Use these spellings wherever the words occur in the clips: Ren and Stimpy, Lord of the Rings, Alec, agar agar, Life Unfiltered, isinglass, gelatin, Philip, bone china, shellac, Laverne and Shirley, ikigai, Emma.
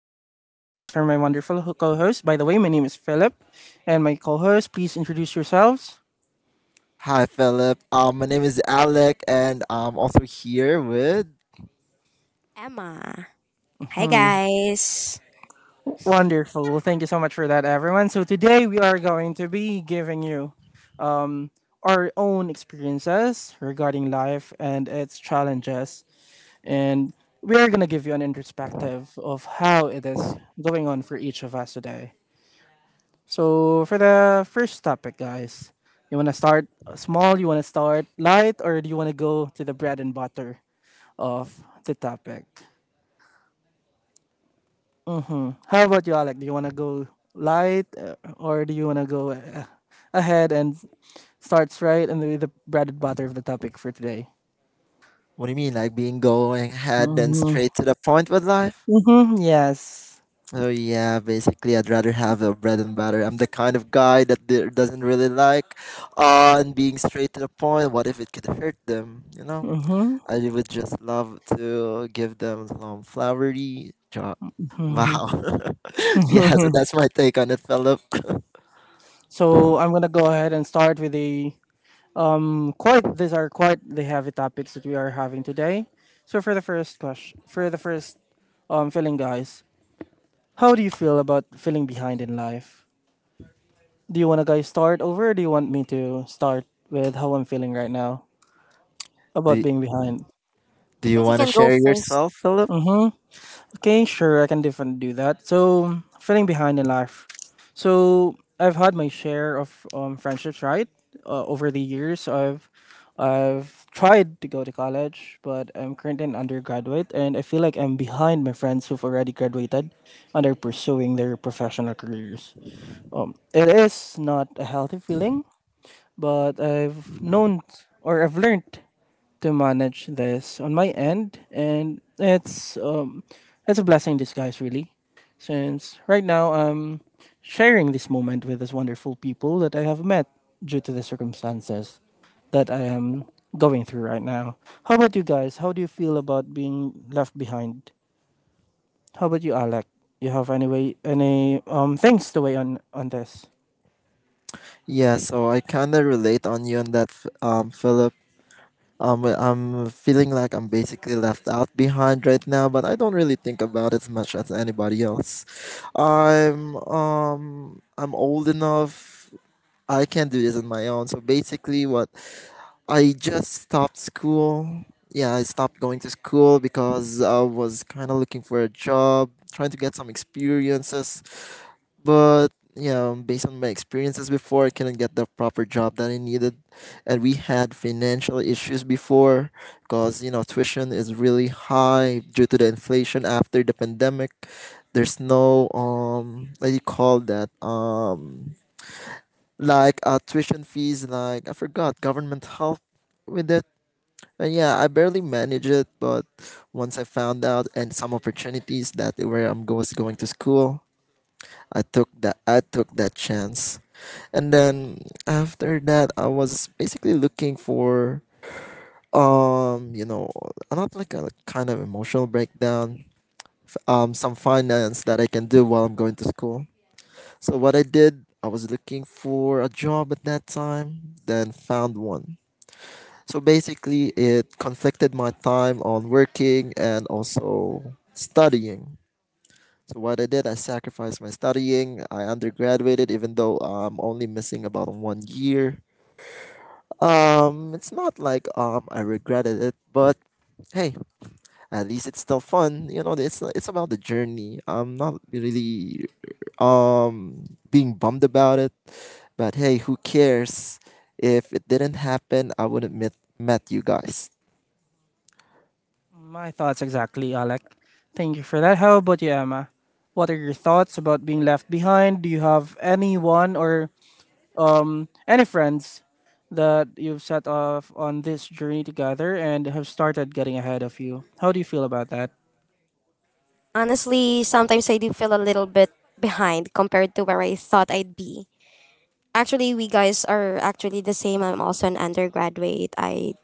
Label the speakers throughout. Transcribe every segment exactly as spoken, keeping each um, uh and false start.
Speaker 1: you so much for that. Those are my wonderful ho- co-hosts. By the way, my name is Philip, and my co-host. Please introduce yourselves.
Speaker 2: Hi, Philip. Um, my name is Alec, and I'm also here with.
Speaker 3: Emma. Hi,
Speaker 1: hmm
Speaker 3: guys.
Speaker 1: Wonderful. Well, thank you so much for that, everyone. So today we are going to be giving you our own experiences regarding life and its challenges, and we are gonna give you an introspective of how it is going on for each of us today. So for the first topic, guys, you want to start small, you want to start light, or do you want to go to the bread and butter of the topic? hmm How about you, Alec? Do you want to go light, uh, or do you want to go uh, ahead and starts right and with the bread and butter of the topic for today?
Speaker 2: What do you mean, like being going ahead and
Speaker 1: Mm-hmm.
Speaker 2: straight to the point with life?
Speaker 1: Mm-hmm. Yes.
Speaker 2: Oh yeah, basically, I'd rather have a bread and butter. I'm the kind of guy that d- doesn't really like on being straight to the point. What if it could hurt them? You know,
Speaker 1: Mm-hmm.
Speaker 2: I would just love to give them some flowery job. Wow. Yeah, so that's my take on it, Philip.
Speaker 1: So I'm gonna go ahead and start with the Um, quite these are quite the heavy topics that we are having today. So for the first question, for the first um feeling, guys, how do you feel about feeling behind in life? Do you want to guys start over, or do you want me to start with how I'm feeling right now about
Speaker 2: Do
Speaker 1: being behind?
Speaker 2: Do
Speaker 3: I
Speaker 2: you
Speaker 3: think you
Speaker 2: want to
Speaker 3: can go
Speaker 2: share
Speaker 3: first.
Speaker 2: yourself, Philip?
Speaker 1: Okay, sure, I can definitely do that. So, feeling behind in life. So, I've had my share of um, friendships, right? Uh, over the years, I've I've tried to go to college, but I'm currently an undergraduate, and I feel like I'm behind my friends who've already graduated and are pursuing their professional careers. Um, it is not a healthy feeling, but I've known or I've learned to manage this on my end, and it's um, it's a blessing in disguise, really, since right now I'm sharing this moment with these wonderful people that I have met due to the circumstances that I am going through right now. How about you guys? How do you feel about being left behind? How about you, Alec? You have any way, any um things to weigh on on this?
Speaker 2: Yeah, so I kind of relate on you on that, Ph- um, Philip. Um, I- I'm feeling like I'm basically left out behind right now, but I don't really think about it as much as anybody else. I'm um I'm old enough. I can do this on my own. So basically, what, I just stopped school. Yeah, I stopped going to school because I was kind of looking for a job, trying to get some experiences. But yeah, based on my experiences before, I couldn't get the proper job that I needed, and we had financial issues before, because you know tuition is really high due to the inflation after the pandemic. There's no, um, what do you call that, um, like, uh, tuition fees, like I forgot government help with it. And yeah, I barely manage it, but once I found out and some opportunities that where I'm go- was going to school, I took that I took that chance. And then after that I was basically looking for um, you know, not like a kind of emotional breakdown, um, some finance that I can do while I'm going to school. So what I did, I was looking for a job at that time, then found one. So basically it conflicted my time on working and also studying. So what I did, I sacrificed my studying. I undergraduated, even though I'm only missing about one year. Um, it's not like um I regretted it, but hey, at least it's still fun. You know, it's it's about the journey. I'm not really um being bummed about it, but hey, who cares? If it didn't happen, I wouldn't met met you guys.
Speaker 1: My thoughts exactly, Alec. Thank you for that. How about you, Emma? What are your thoughts about being left behind? Do you have anyone or um any friends that you've set off on this journey together and have started getting ahead of you? How do you feel about that?
Speaker 3: Honestly, sometimes I do feel a little bit behind compared to where I thought I'd be. Actually, we guys are actually the same. I'm also an undergraduate. I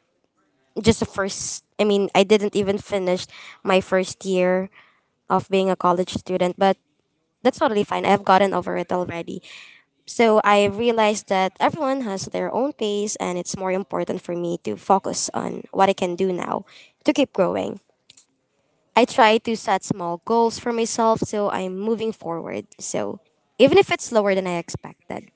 Speaker 3: just a first, I mean, I didn't even finish my first year of being a college student, but that's totally fine. I've gotten over it already. So I realized that everyone has their own pace, and it's more important for me to focus on what I can do now to keep growing. I try to set small goals for myself so I'm moving forward. So even if it's slower than I expected.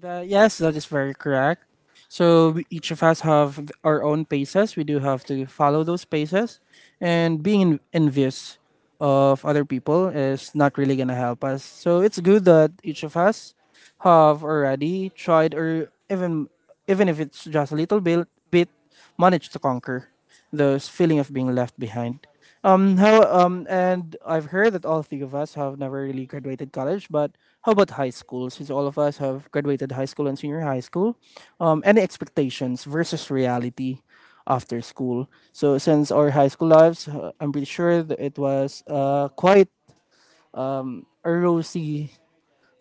Speaker 1: That, yes, that is very correct. So we- each of us have our own paces. We do have to follow those paces, and being en- envious of other people is not really gonna help us. So it's good that each of us have already tried, or even even if it's just a little bit, bit managed to conquer those feeling of being left behind. Um, how um, And I've heard that all three of us have never really graduated college, but how about high school? Since all of us have graduated high school and senior high school, um, any expectations versus reality after school? So since our high school lives, uh, I'm pretty sure that it was uh quite a rosy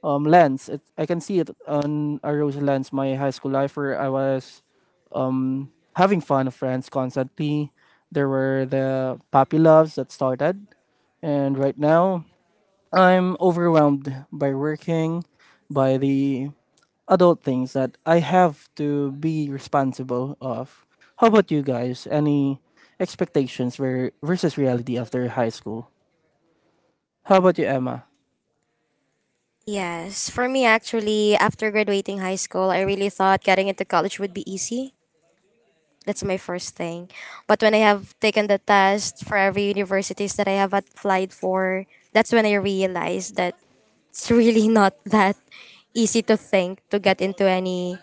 Speaker 1: um lens. It, I can see it on a rosy lens. My high school life where I was um having fun with friends constantly. There were the puppy loves that started and right now, I'm overwhelmed by working, by the adult things that I have to be responsible of. How about you guys? Any expectations ver- versus reality after high school? How about you, Emma?
Speaker 3: Yes, for me actually, after graduating high school, I really thought getting into college would be easy. That's my first thing. But when I have taken the test for every universities that I have applied for, that's when I realized that it's really not that easy to think to get into any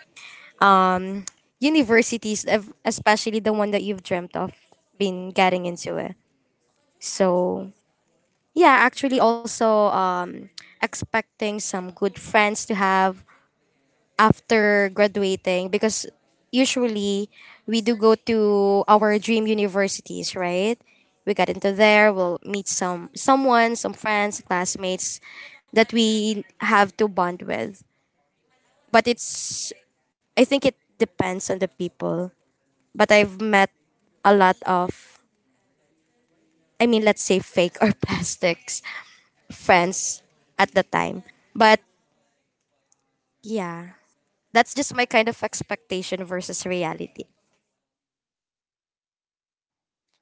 Speaker 3: um, universities, ev- especially the one that you've dreamt of been getting into it. So yeah, actually also um, expecting some good friends to have after graduating because usually we do go to our dream universities, right? We got into there, we'll meet some someone, some friends, classmates that we have to bond with but it's I think it depends on the people, but I've met a lot of, I mean, let's say fake or plastics friends at the time. But yeah, that's just my kind of expectation versus reality.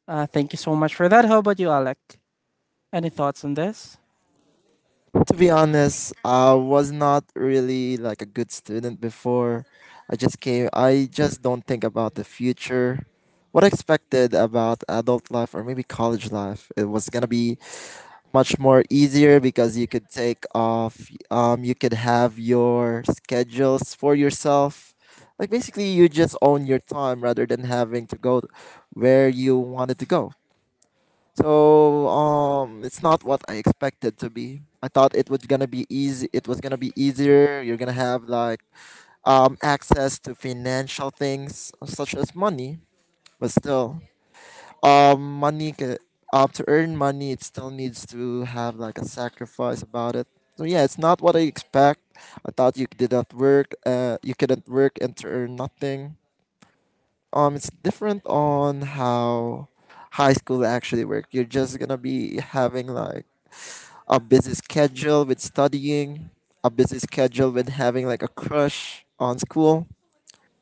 Speaker 1: Uh, thank you so much for that. How about you, Alec? Any thoughts on this?
Speaker 2: To be honest, I was not really like a good student before. I just came, I just don't think about the future. What I expected about adult life or maybe college life, it was gonna be much more easier because you could take off, um, you could have your schedules for yourself. Like basically, you just own your time rather than having to go where you wanted to go. So um, it's not what I expected to be. I thought it was gonna be easy. It was gonna be easier. You're gonna have like um access to financial things such as money, but still, um, money can uh, to earn money, it still needs to have like a sacrifice about it. So yeah, it's not what I expect. I thought you did not work. Uh, you couldn't work and to earn nothing. Um, it's different on how high school actually work. You're just gonna be having like a busy schedule with studying, a busy schedule with having like a crush on school,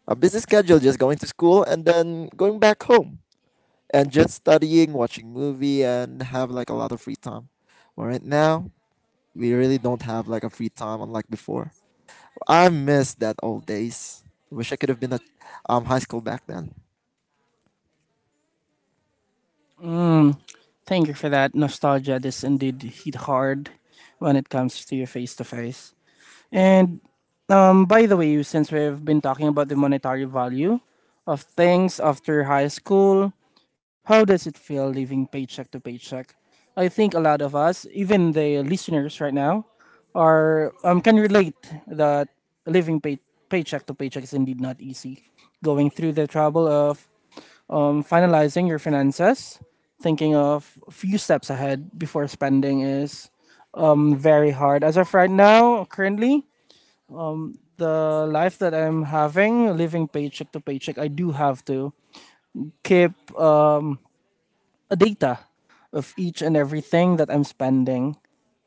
Speaker 2: a busy schedule just going to school and then going back home and just studying, watching movie and have like a lot of free time. But right now, we really don't have like a free time unlike before. I miss that old days. Wish I could have been at um, high school back then.
Speaker 1: Mm, Thank you for that. Nostalgia does indeed hit hard when it comes to your face to face. And um, by the way, since we've been talking about the monetary value of things after high school, how does it feel living paycheck to paycheck? I think a lot of us, even the listeners right now, are um, can relate that living pay- paycheck to paycheck is indeed not easy. Going through the trouble of um, finalizing your finances, thinking of a few steps ahead before spending is um, very hard. As of right now, currently, the life that I'm having, living paycheck to paycheck, I do have to keep uh, a data of each and everything that I'm spending,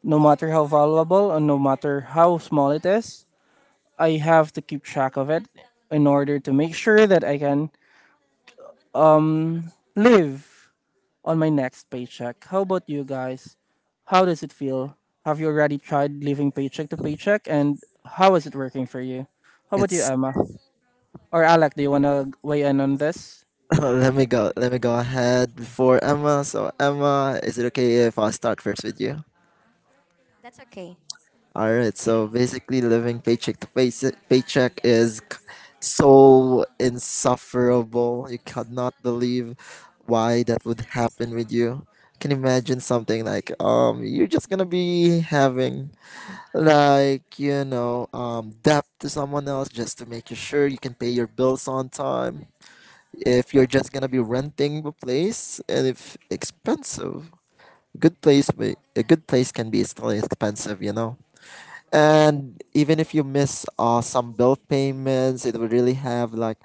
Speaker 1: no matter how valuable or no matter how small it is. I have to keep track of it in order to make sure that I can live on my next paycheck. How about you guys? How does it feel? Have you already tried living paycheck to paycheck and how is it working for you? How about you,
Speaker 2: It's.
Speaker 1: Emma? Or Alec, do you want to weigh in on this?
Speaker 2: Let me go let me go ahead before Emma. So Emma, is it okay if I start first with you?
Speaker 3: That's okay.
Speaker 2: All right. So basically, living paycheck to payse- paycheck is c- so insufferable. You cannot believe why that would happen with you. Can you imagine something like um you're just gonna be having like you know um debt to someone else just to make you sure you can pay your bills on time. If you're just gonna be renting a place and if expensive, good place may- a good place can be still expensive. You know and even if you miss uh, some bill payments, it would really have like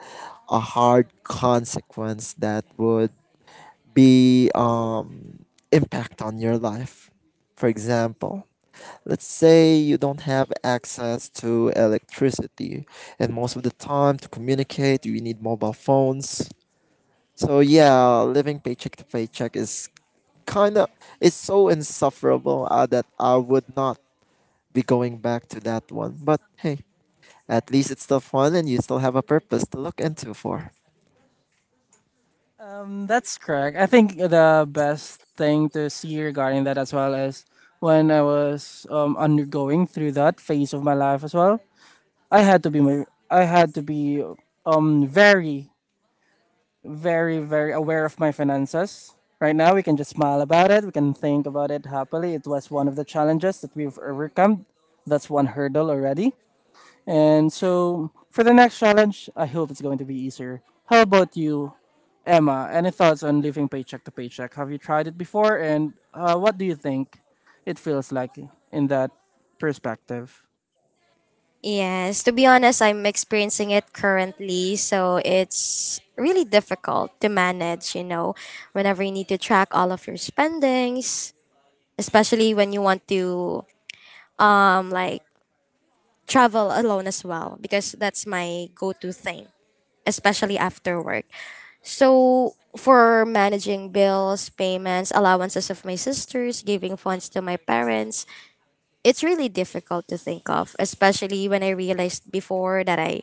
Speaker 2: a hard consequence that would be um, impact on your life. For example, let's say you don't have access to electricity, and most of the time to communicate you need mobile phones. So yeah, living paycheck to paycheck is kind of, it's so insufferable uh, that I would not be going back to that one. But hey, at least it's still fun and you still have a purpose to look into for.
Speaker 1: That's correct. I think the best thing to see regarding that as well is when I was um, undergoing through that phase of my life as well. I had to be my, I had to be um very very very aware of my finances. Right now we can just smile about it. We can think about it happily. It was one of the challenges that we've overcome. That's one hurdle already. And so for the next challenge, I hope it's going to be easier. How about you, Emma? Any thoughts on living paycheck to paycheck? Have you tried it before? And uh, what do you think it feels like in that perspective?
Speaker 3: Yes, to be honest, I'm experiencing it currently, so it's really difficult to manage, you know, whenever you need to track all of your spendings, especially when you want to um like travel alone as well because that's my go-to thing, especially after work. So for managing bills, payments, allowances of my sisters, giving funds to my parents, it's really difficult to think of, especially when I realized before that I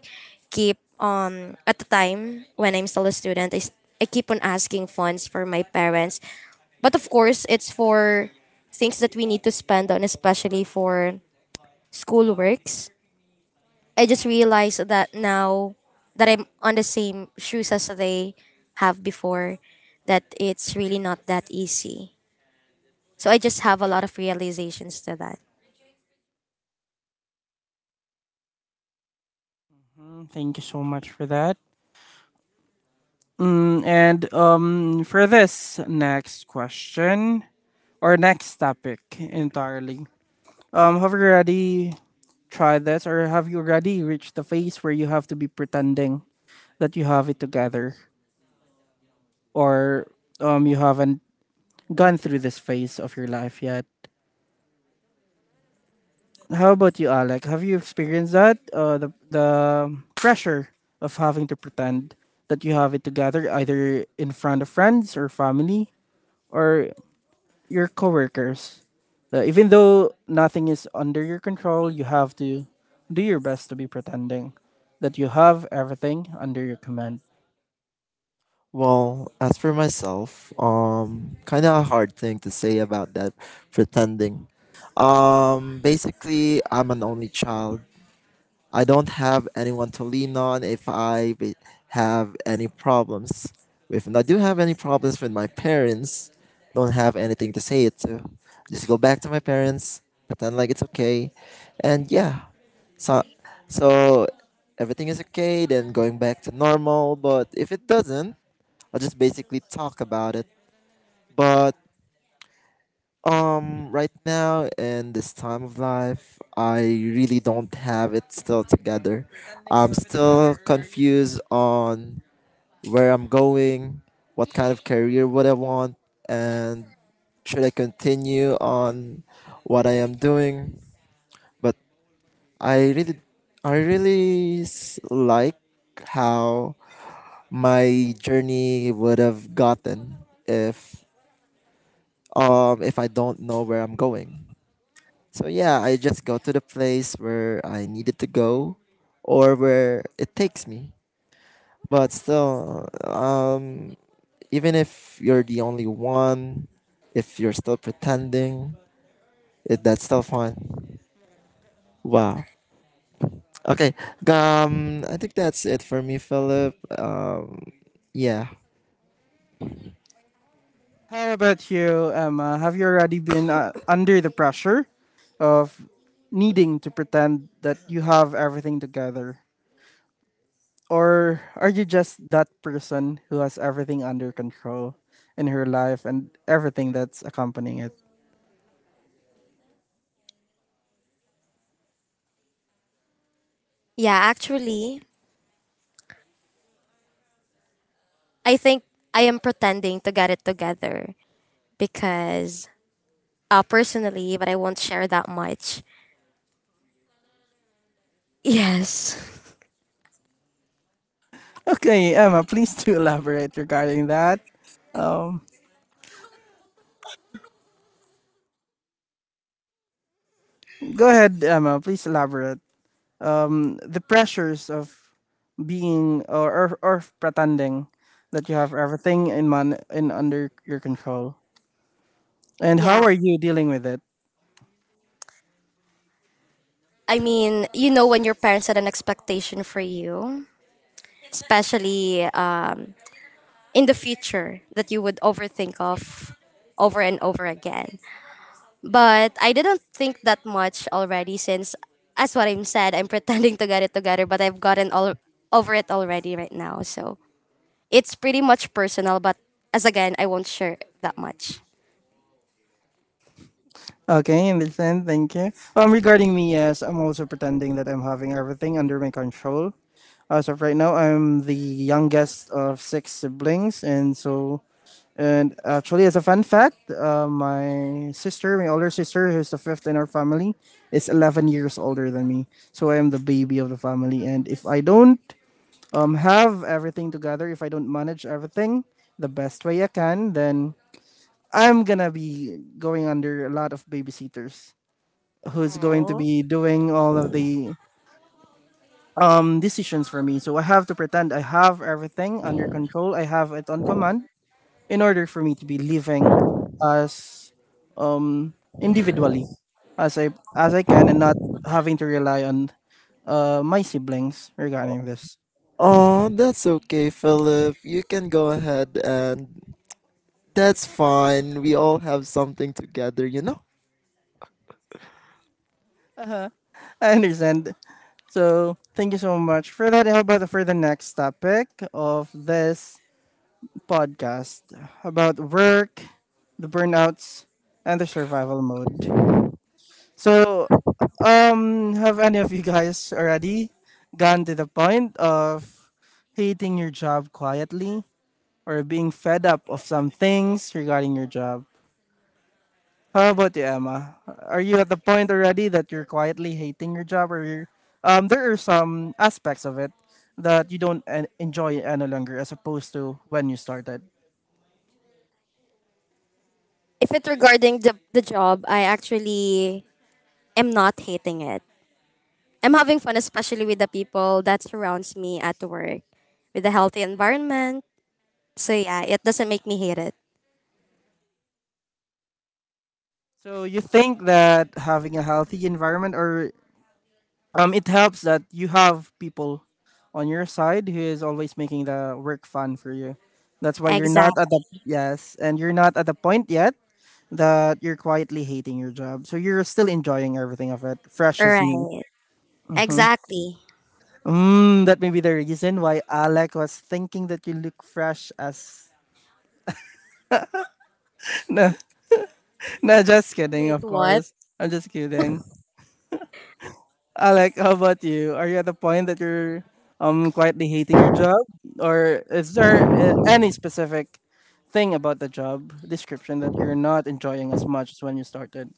Speaker 3: keep um at the time when I'm still a student, I, s- I keep on asking funds for my parents. But of course, it's for things that we need to spend on, especially for school works. I just realized that now that I'm on the same shoes as they have before, that it's really not that easy. So I just have a lot of realizations to that.
Speaker 1: Mm, Thank you so much for that. Mm, and um, for this next question or next topic entirely, um, have you already tried this or have you already reached the phase where you have to be pretending that you have it together? Or um you haven't gone through this phase of your life yet. How about you, Alec? Have you experienced that? Uh, the the pressure of having to pretend that you have it together, either in front of friends or family or your coworkers. Uh, even though nothing is under your control, you have to do your best to be pretending that you have everything under your command.
Speaker 2: Well, as for myself, um, kind of a hard thing to say about that pretending. Um, basically, I'm an only child. I don't have anyone to lean on if I be- have any problems. If I do have any problems with my parents, don't have anything to say it to. Just go back to my parents, pretend like it's okay, and yeah. So, so everything is okay. Then going back to normal. But if it doesn't, I'll just basically talk about it. But um, right now in this time of life, I really don't have it still together. I'm still confused on where I'm going, what kind of career would I want, and should I continue on what I am doing. But I really, I really s- like how my journey would have gotten if um if I don't know where I'm going. So yeah, I just go to the place where I needed to go or where it takes me. But still, um, even if you're the only one, if you're still pretending, it, that's still fun. Wow. Okay. Um, I think that's it for me, Philip. Um, yeah.
Speaker 1: How about you, Emma? Have you already been uh, under the pressure of needing to pretend that you have everything together? Or are you just that person who has everything under control in her life and everything that's accompanying it?
Speaker 3: Yeah, actually, I think I am pretending to get it together because uh, personally, but I won't share that much. Yes.
Speaker 1: Okay, Emma, please do elaborate regarding that. Um, Go ahead, Emma, please elaborate. Um, the pressures of being or, or or pretending that you have everything in man in under your control. And
Speaker 3: Yeah.
Speaker 1: how are you dealing with it?
Speaker 3: I mean, you know, when your parents had an expectation for you, especially uh, in the future that you would overthink of over and over again. But I didn't think that much already since as what I'm said, I'm pretending to get it together, but I've gotten all over it already right now. So it's pretty much personal, but as again, I won't share that much.
Speaker 1: Okay, understand. Thank you. Um, regarding me, yes, I'm also pretending that I'm having everything under my control. As of right now, I'm the youngest of six siblings, and so and actually, as a fun fact, uh, my sister, my older sister, who's the fifth in our family, is eleven years older than me. So I am the baby of the family. And if I don't um, have everything together, if I don't manage everything the best way I can, then I'm gonna be going under a lot of babysitters who's going to be doing all of the um, decisions for me. So I have to pretend I have everything under control, I have it on command in order for me to be living as um individually as I as I can and not having to rely on uh my siblings regarding this.
Speaker 2: Oh, that's okay, Philip. You can go ahead and that's fine. We all have something together, you know?
Speaker 1: Uh-huh. I understand. So thank you so much for that. How about for the next topic of this podcast about work, the burnouts, and the survival mode. So, um, have any of you guys already gone to the point of hating your job quietly or being fed up of some things regarding your job? How about you, Emma? Are you at the point already that you're quietly hating your job, or you're, um, there are some aspects of it that you don't en- enjoy any longer as opposed to when you started?
Speaker 3: If it's regarding the, the job, I actually am not hating it. I'm having fun, especially with the people that surrounds me at work, with a healthy environment. So yeah, it doesn't make me hate it.
Speaker 1: So you think that having a healthy environment or Um, it helps that you have people on your side who is always making the work fun for you. That's why you're not at
Speaker 3: Exactly.
Speaker 1: the Yes, and you're not at the point yet that you're quietly hating your job. So you're still enjoying everything of it, fresh as new.
Speaker 3: Right. Exactly.
Speaker 1: Mm, that may be the reason why Alec was thinking that you look fresh as. No, no, just kidding.
Speaker 3: Wait,
Speaker 1: Of
Speaker 3: what?
Speaker 1: course, I'm just kidding. Alec, how about you? Are you at the point that you're um quietly hating your job, or is there uh, any specific thing about the job description that you're not enjoying as much as when you started?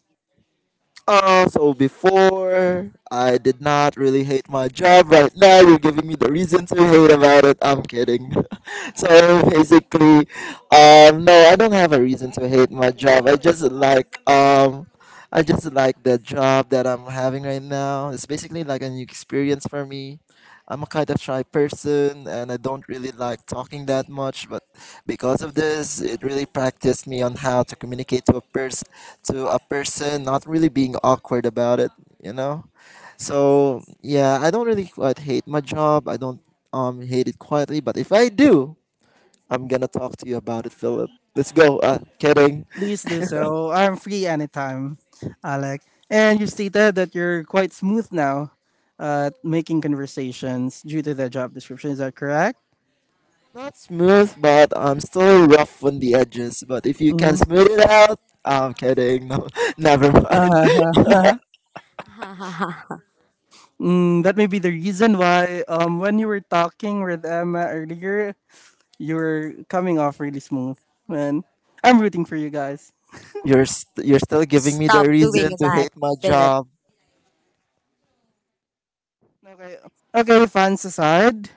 Speaker 2: Uh, so before I did not really hate my job. Right now, you're giving me the reason to hate about it. I'm kidding. So basically, um, no, I don't have a reason to hate my job. I just like um, I just like the job that I'm having right now. It's basically like a new experience for me. I'm a kind of shy person, and I don't really like talking that much. But because of this, it really practiced me on how to communicate to a person, to a person not really being awkward about it. You know so yeah, i don't really quite hate my job. I don't um hate it quietly, but if I do, I'm gonna talk to you about it, Philip. Let's go, uh kidding.
Speaker 1: Please do so. I'm free anytime, Alec. And you stated that you're quite smooth now at making conversations due to the job description. Is that correct?
Speaker 2: Not smooth, but I'm still rough on the edges. But if you can smooth it out, I'm kidding. No. Never mind.
Speaker 1: Uh,
Speaker 3: Ha ha ha.
Speaker 1: mm, that may be the reason why um, when you were talking with Emma earlier, you're coming off really smooth, man. I'm rooting for you guys.
Speaker 2: you're st- you're still giving me the
Speaker 3: Stop
Speaker 2: reason
Speaker 3: doing
Speaker 2: to
Speaker 3: that,
Speaker 2: hate my
Speaker 3: Philip.
Speaker 2: job.
Speaker 1: Okay, okay, fans aside,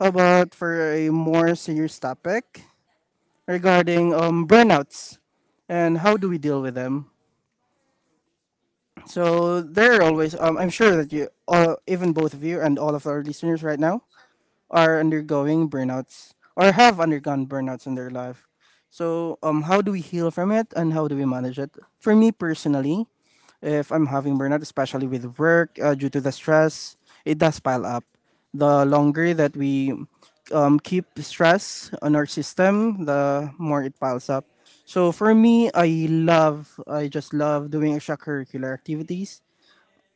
Speaker 1: how about for a more serious topic regarding um burnouts and how do we deal with them? So there are always um I'm sure that you uh, even both of you and all of our listeners right now are undergoing burnouts or have undergone burnouts in their life. So, um, how do we heal from it and how do we manage it? For me personally, if I'm having burnout, especially with work uh, due to the stress, it does pile up. The longer that we um, keep stress on our system, the more it piles up. So for me, I love, I just love doing extracurricular activities.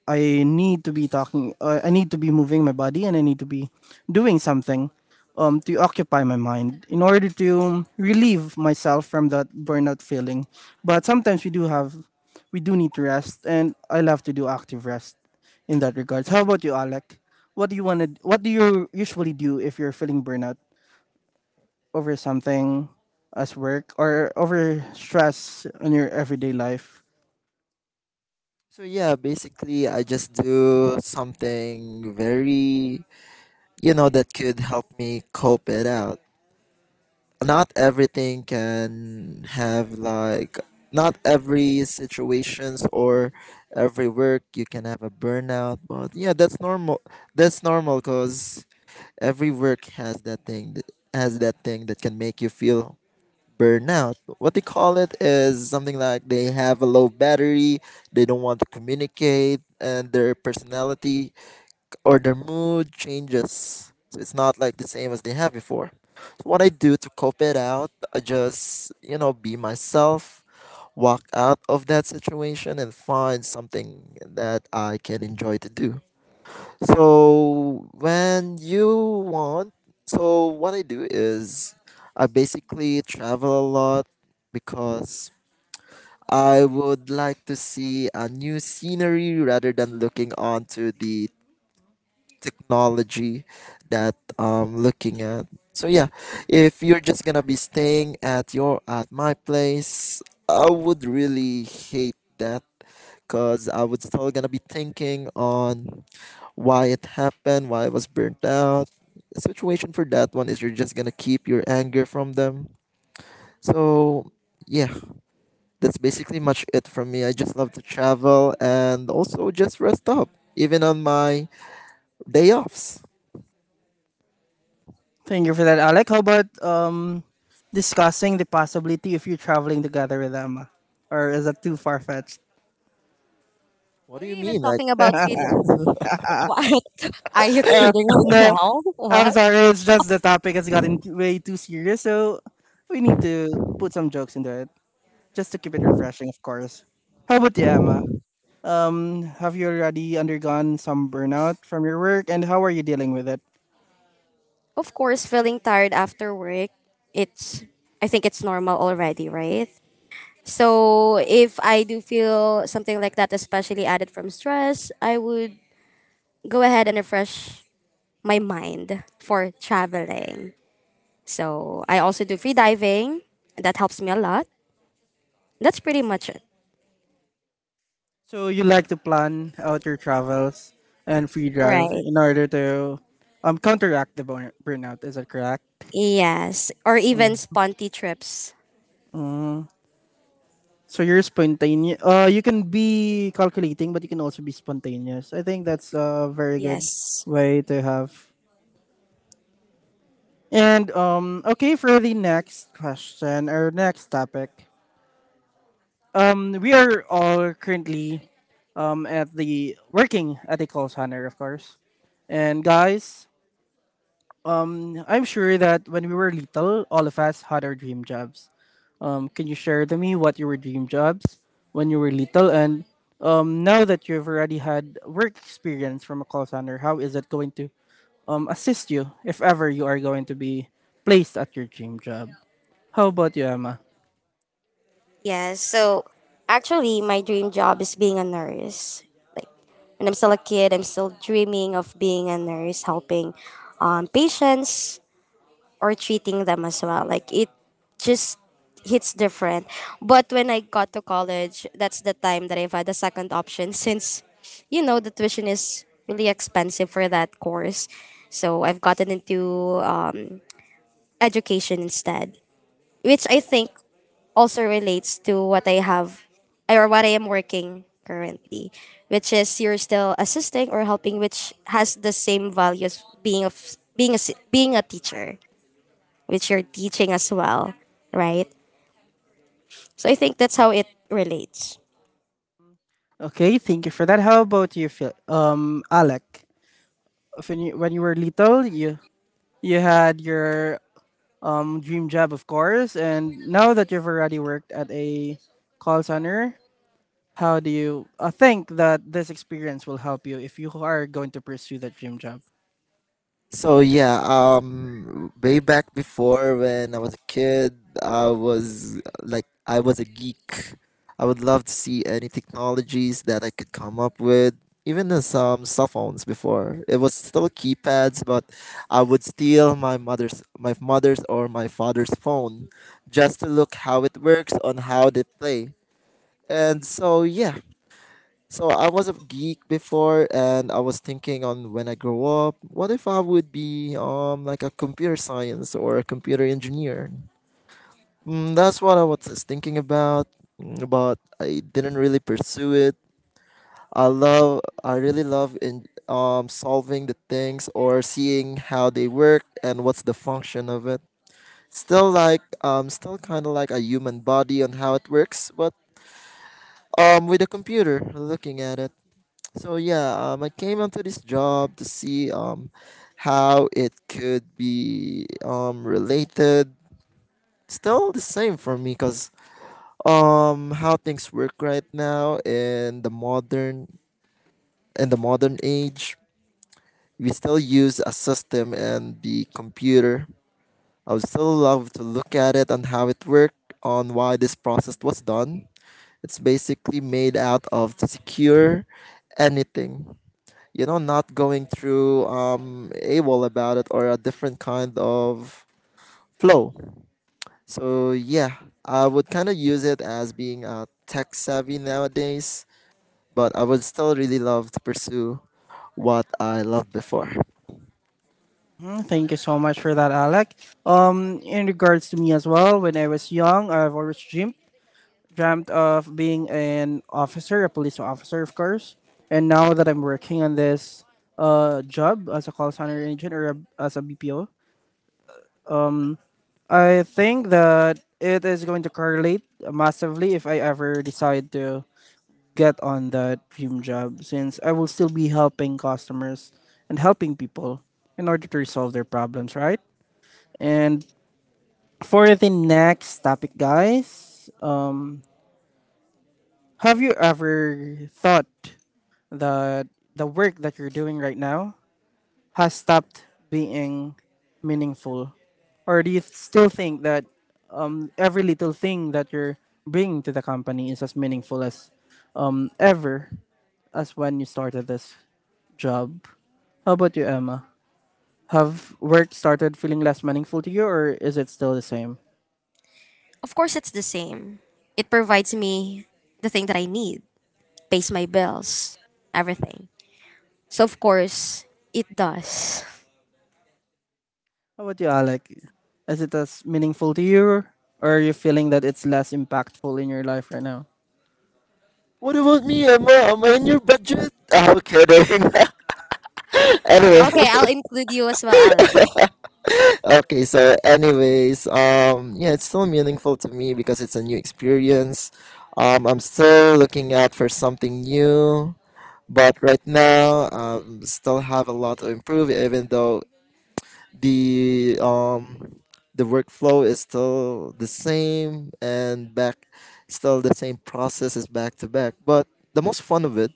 Speaker 1: I need to be talking. Uh, I need to be moving my body, and I need to be doing something um, to occupy my mind in order to relieve myself from that burnout feeling. But sometimes we do have, we do need to rest, and I love to do active rest in that regards. How about you, Alec? What do you want to? What do you usually do if you're feeling burnout over something as work or over stress in your everyday life?
Speaker 2: So yeah, basically I just do something very, you know that could help me cope it out. Not everything can have like, not every situations or every work you can have a burnout. But yeah, that's normal. That's normal because every work has that thing, that has that thing that can make you feel burnout. What they call it is something like they have a low battery. They don't want to communicate, and their personality or their mood changes. So it's not like the same as they have before. So what I do to cope it out, I just, you know, be myself, walk out of that situation and find something that I can enjoy to do. So when you want, so what I do is, I basically travel a lot because I would like to see a new scenery rather than looking onto the technology that I'm looking at. So yeah, if you're just gonna be staying at your at my place, I would really hate that because I would still gonna be thinking on why it happened, why I was burnt out. The situation for that one is you're just gonna keep your anger from them. So yeah, that's basically much it from me. I just love to travel and also just rest up, even on my day offs.
Speaker 1: Thank you for that, Alec. How about um, discussing the possibility of you traveling together with Emma? Or is that too far fetched?
Speaker 2: What
Speaker 3: What
Speaker 2: do
Speaker 3: are
Speaker 2: you
Speaker 3: you even
Speaker 2: mean? Like.
Speaker 3: talking about, Philip? What? Are you
Speaker 1: Uh,
Speaker 3: kidding right
Speaker 1: no,
Speaker 3: now?
Speaker 1: I'm
Speaker 3: What?
Speaker 1: sorry. It's just the topic has gotten t- way too serious. So we need to put some jokes into it just to keep it refreshing, of course. How about you, Emma? Um, have you already undergone some burnout from your work and how are you dealing with it?
Speaker 3: Of course, feeling tired after work, it's I think it's normal already, right? So if I do feel something like that, especially added from stress, I would go ahead and refresh my mind for traveling. So I also do free diving. That helps me a lot. That's pretty much it.
Speaker 1: So you like to plan out your travels and free drive
Speaker 3: Right.
Speaker 1: in order to um counteract the burn- burnout. Is that correct?
Speaker 3: Yes. Or even sponty trips.
Speaker 1: So you're spontaneous. Uh, you can be calculating, but you can also be spontaneous. I think that's a very good
Speaker 3: Yes.
Speaker 1: way to have. And um, okay, for the next question or next topic, um, we are all currently um at the working at the call center, of course. And guys, Mm, I'm sure that when we were little, all of us had our dream jobs. Um, can you share to me what your dream jobs when you were little, and um, now that you've already had work experience from a call center, how is it going to um, assist you if ever you are going to be placed at your dream job? How about you, Emma?
Speaker 3: Yes. So actually my dream job is being a nurse. Like when I'm still a kid, I'm still dreaming of being a nurse, helping um, patients or treating them as well. Like it just hits different. But when I got to college, that's the time that I've had a second option since you know the tuition is really expensive for that course. So I've gotten into um, education instead, which I think also relates to what I have or what I am working currently, which is you're still assisting or helping, which has the same values being of being a s- being a teacher, which you're teaching as well, right? So I think that's how it relates.
Speaker 1: Okay, thank you for that. How about you, Phil? Um, Alec, when you when you were little, you you had your um, dream job, of course, and now that you've already worked at a call center, how do you uh, think that this experience will help you if you are going to pursue that dream job?
Speaker 2: So yeah, um, way back before when I was a kid, I was uh, like I was a geek. I would love to see any technologies that I could come up with. Even the some cell phones before, it was still keypads, but I would steal my mother's, my mother's or my father's phone, just to look how it works on how they play. And so yeah, so I was a geek before, and I was thinking on when I grow up, what if I would be um like a computer science or a computer engineer? Mm, that's what I was thinking about, mm, but I didn't really pursue it. I love, I really love in um solving the things or seeing how they work and what's the function of it. Still like um still kind of like a human body on how it works, but um with a computer looking at it. So yeah, um, I came onto this job to see um how it could be um related. Still the same for me, cause um how things work right now in the modern in the modern age, we still use a system and the computer. I would still love to look at it and how it worked, on why this process was done. It's basically made out of to secure anything. You know, not going through um AWOL about it or a different kind of flow. So yeah, I would kind of use it as being a tech savvy nowadays, but I would still really love to pursue what I loved before.
Speaker 1: Mhm. Thank you so much for that, Alec. Um, in regards to me as well, when I was young, I've always dreamed dreamt of being an officer, a police officer, of course. And now that I'm working on this uh job as a call center agent or a, as a B P O, I think that it is going to correlate massively if I ever decide to get on that dream job since I will still be helping customers and helping people in order to resolve their problems, right? And for the next topic, guys, have you ever thought that the work that you're doing right now has stopped being meaningful? Or do you still think that um, every little thing that you're bringing to the company is as meaningful as um, ever as when you started this job? How about you, Emma? Have work started feeling less meaningful to you, or is it still the same?
Speaker 3: Of course, it's the same. It provides me the thing that I need, pays my bills, everything. So of course, it does.
Speaker 1: How about you, Alec? Is it as meaningful to you, or are you feeling that it's less impactful in your life right now?
Speaker 2: What about me? Emma? Am I in your budget? I'm kidding. Anyway,
Speaker 3: Okay, I'll include you as well, Alan.
Speaker 2: okay. So, anyways, um, yeah, it's so meaningful to me because it's a new experience. Um, I'm still looking out for something new. But right now, um, still have a lot to improve. Even though the um, the workflow is still the same and back, still the same process is back to back. But the most fun of it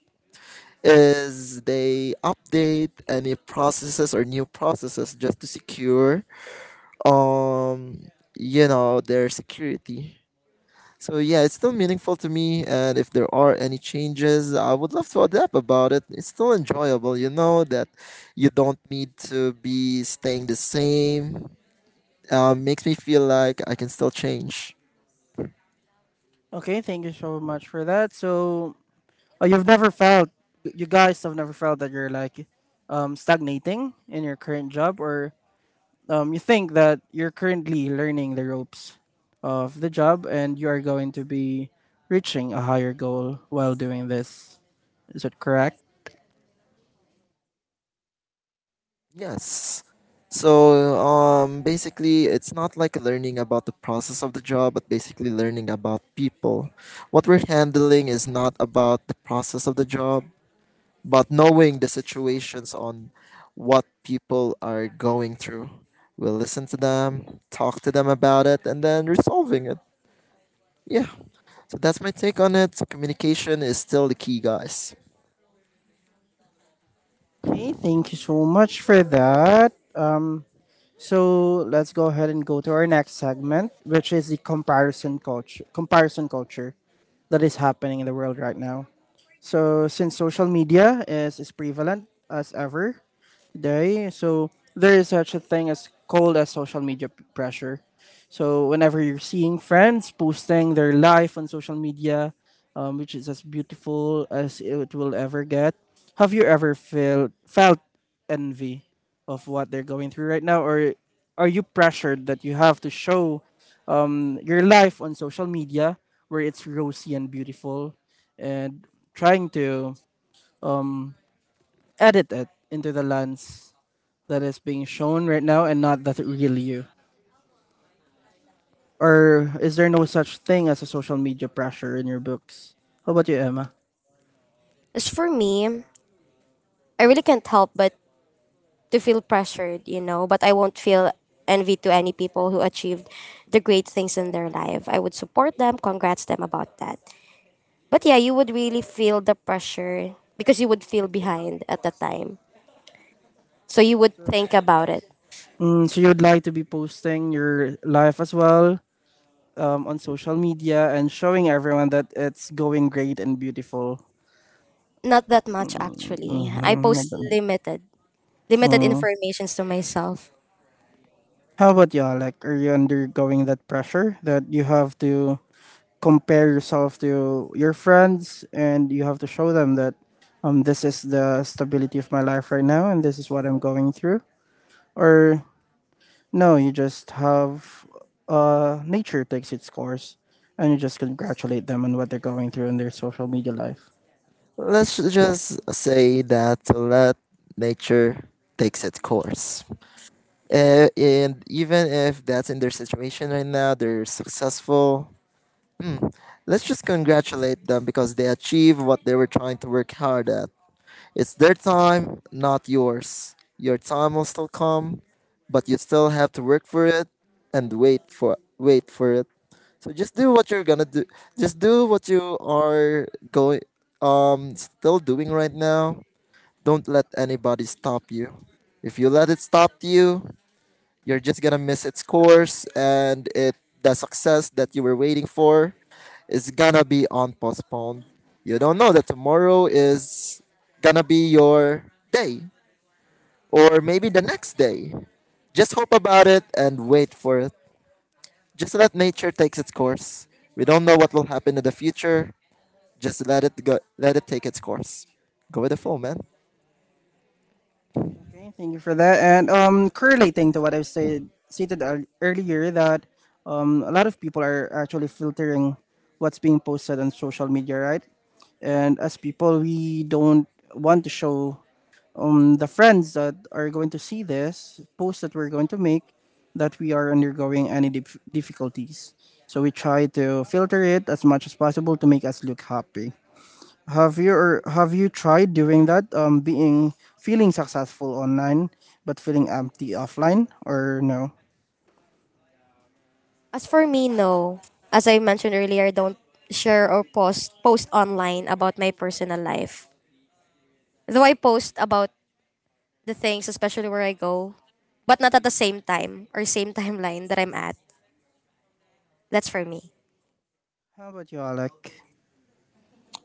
Speaker 2: is they update any processes or new processes just to secure um you know their security. So yeah, it's still meaningful to me, and if there are any changes, I would love to adapt about it. It's still enjoyable, you know that you don't need to be staying the same. Uh, makes me feel like I can still change.
Speaker 1: Okay, thank you so much for that. So, oh, you've never felt you guys have never felt that you're like um stagnating in your current job or um you think that you're currently learning the ropes of the job and you are going to be reaching a higher goal while doing this. Is that correct?
Speaker 2: Yes. So um, basically, it's not like learning about the process of the job, but basically learning about people. What we're handling is not about the process of the job, but knowing the situations on what people are going through. We'll listen to them, talk to them about it, and then resolving it. Yeah. So that's my take on it. Communication is still the key, guys.
Speaker 1: Okay, thank you so much for that. Um, so let's go ahead and go to our next segment, which is the comparison culture. Comparison culture that is happening in the world right now. So, since social media is as prevalent as ever, right? So there is such a thing as called as social media p- pressure. So whenever you're seeing friends posting their life on social media, um, which is as beautiful as it will ever get, have you ever felt felt envy of what they're going through right now, or are you pressured that you have to show um, your life on social media where it's rosy and beautiful, and trying to edit it into the lens that is being shown right now and not that real you? Or is there no such thing as a social media pressure in your books? How about you, Emma?
Speaker 3: As for me, I really can't help but to feel pressured, you know, but I won't feel envy to any people who achieved the great things in their life. I would support them, congrats them about that. But yeah, you would really feel the pressure because you would feel behind at the time. So you would think about it.
Speaker 1: Mm, so you'd like to be posting your life as well um, on social media and showing everyone that it's going great and beautiful.
Speaker 3: Not that much actually. I
Speaker 1: Mhm, not
Speaker 3: post
Speaker 1: bad.
Speaker 3: limited limited
Speaker 1: Mm.
Speaker 3: informations to myself.
Speaker 1: How about you, Alec? Are you undergoing that pressure that you have to compare yourself to your friends and you have to show them that um, this is the stability of my life right now and this is what I'm going through. Or no, you just have uh, nature takes its course and you just congratulate them on what they're going through in their social media life.
Speaker 2: Let's just say that to let nature takes its course. Uh, and even if that's in their situation right now, they're successful. Hmm, let's just congratulate them because they achieved what they were trying to work hard at. It's their time, not yours. Your time will still come, but you still have to work for it and wait for wait for it. So just do what you're gonna do. Just do what you are going um still doing right now. Don't let anybody stop you. If you let it stop you, you're just gonna miss its course, and it the success that you were waiting for is gonna be on postponed. You don't know that tomorrow is gonna be your day or maybe the next day. Just hope about it and wait for it. Just let nature takes its course. We don't know what will happen in the future. Just let it go, let it take its course. Go with the flow, man.
Speaker 1: Okay, thank you for that. And um, correlating to what I've said stated ear- earlier, that um, a lot of people are actually filtering what's being posted on social media, right? And as people, we don't want to show um the friends that are going to see this post that we're going to make that we are undergoing any dif- difficulties. So we try to filter it as much as possible to make us look happy. Have you or have you tried doing that? Um, being feeling successful online but feeling empty offline, or no?
Speaker 3: As for me, no. As I mentioned earlier, I don't share or post post online about my personal life. Though I post about the things, especially where I go, but not at the same time or same timeline that I'm at. That's for me.
Speaker 1: How about you, Alec?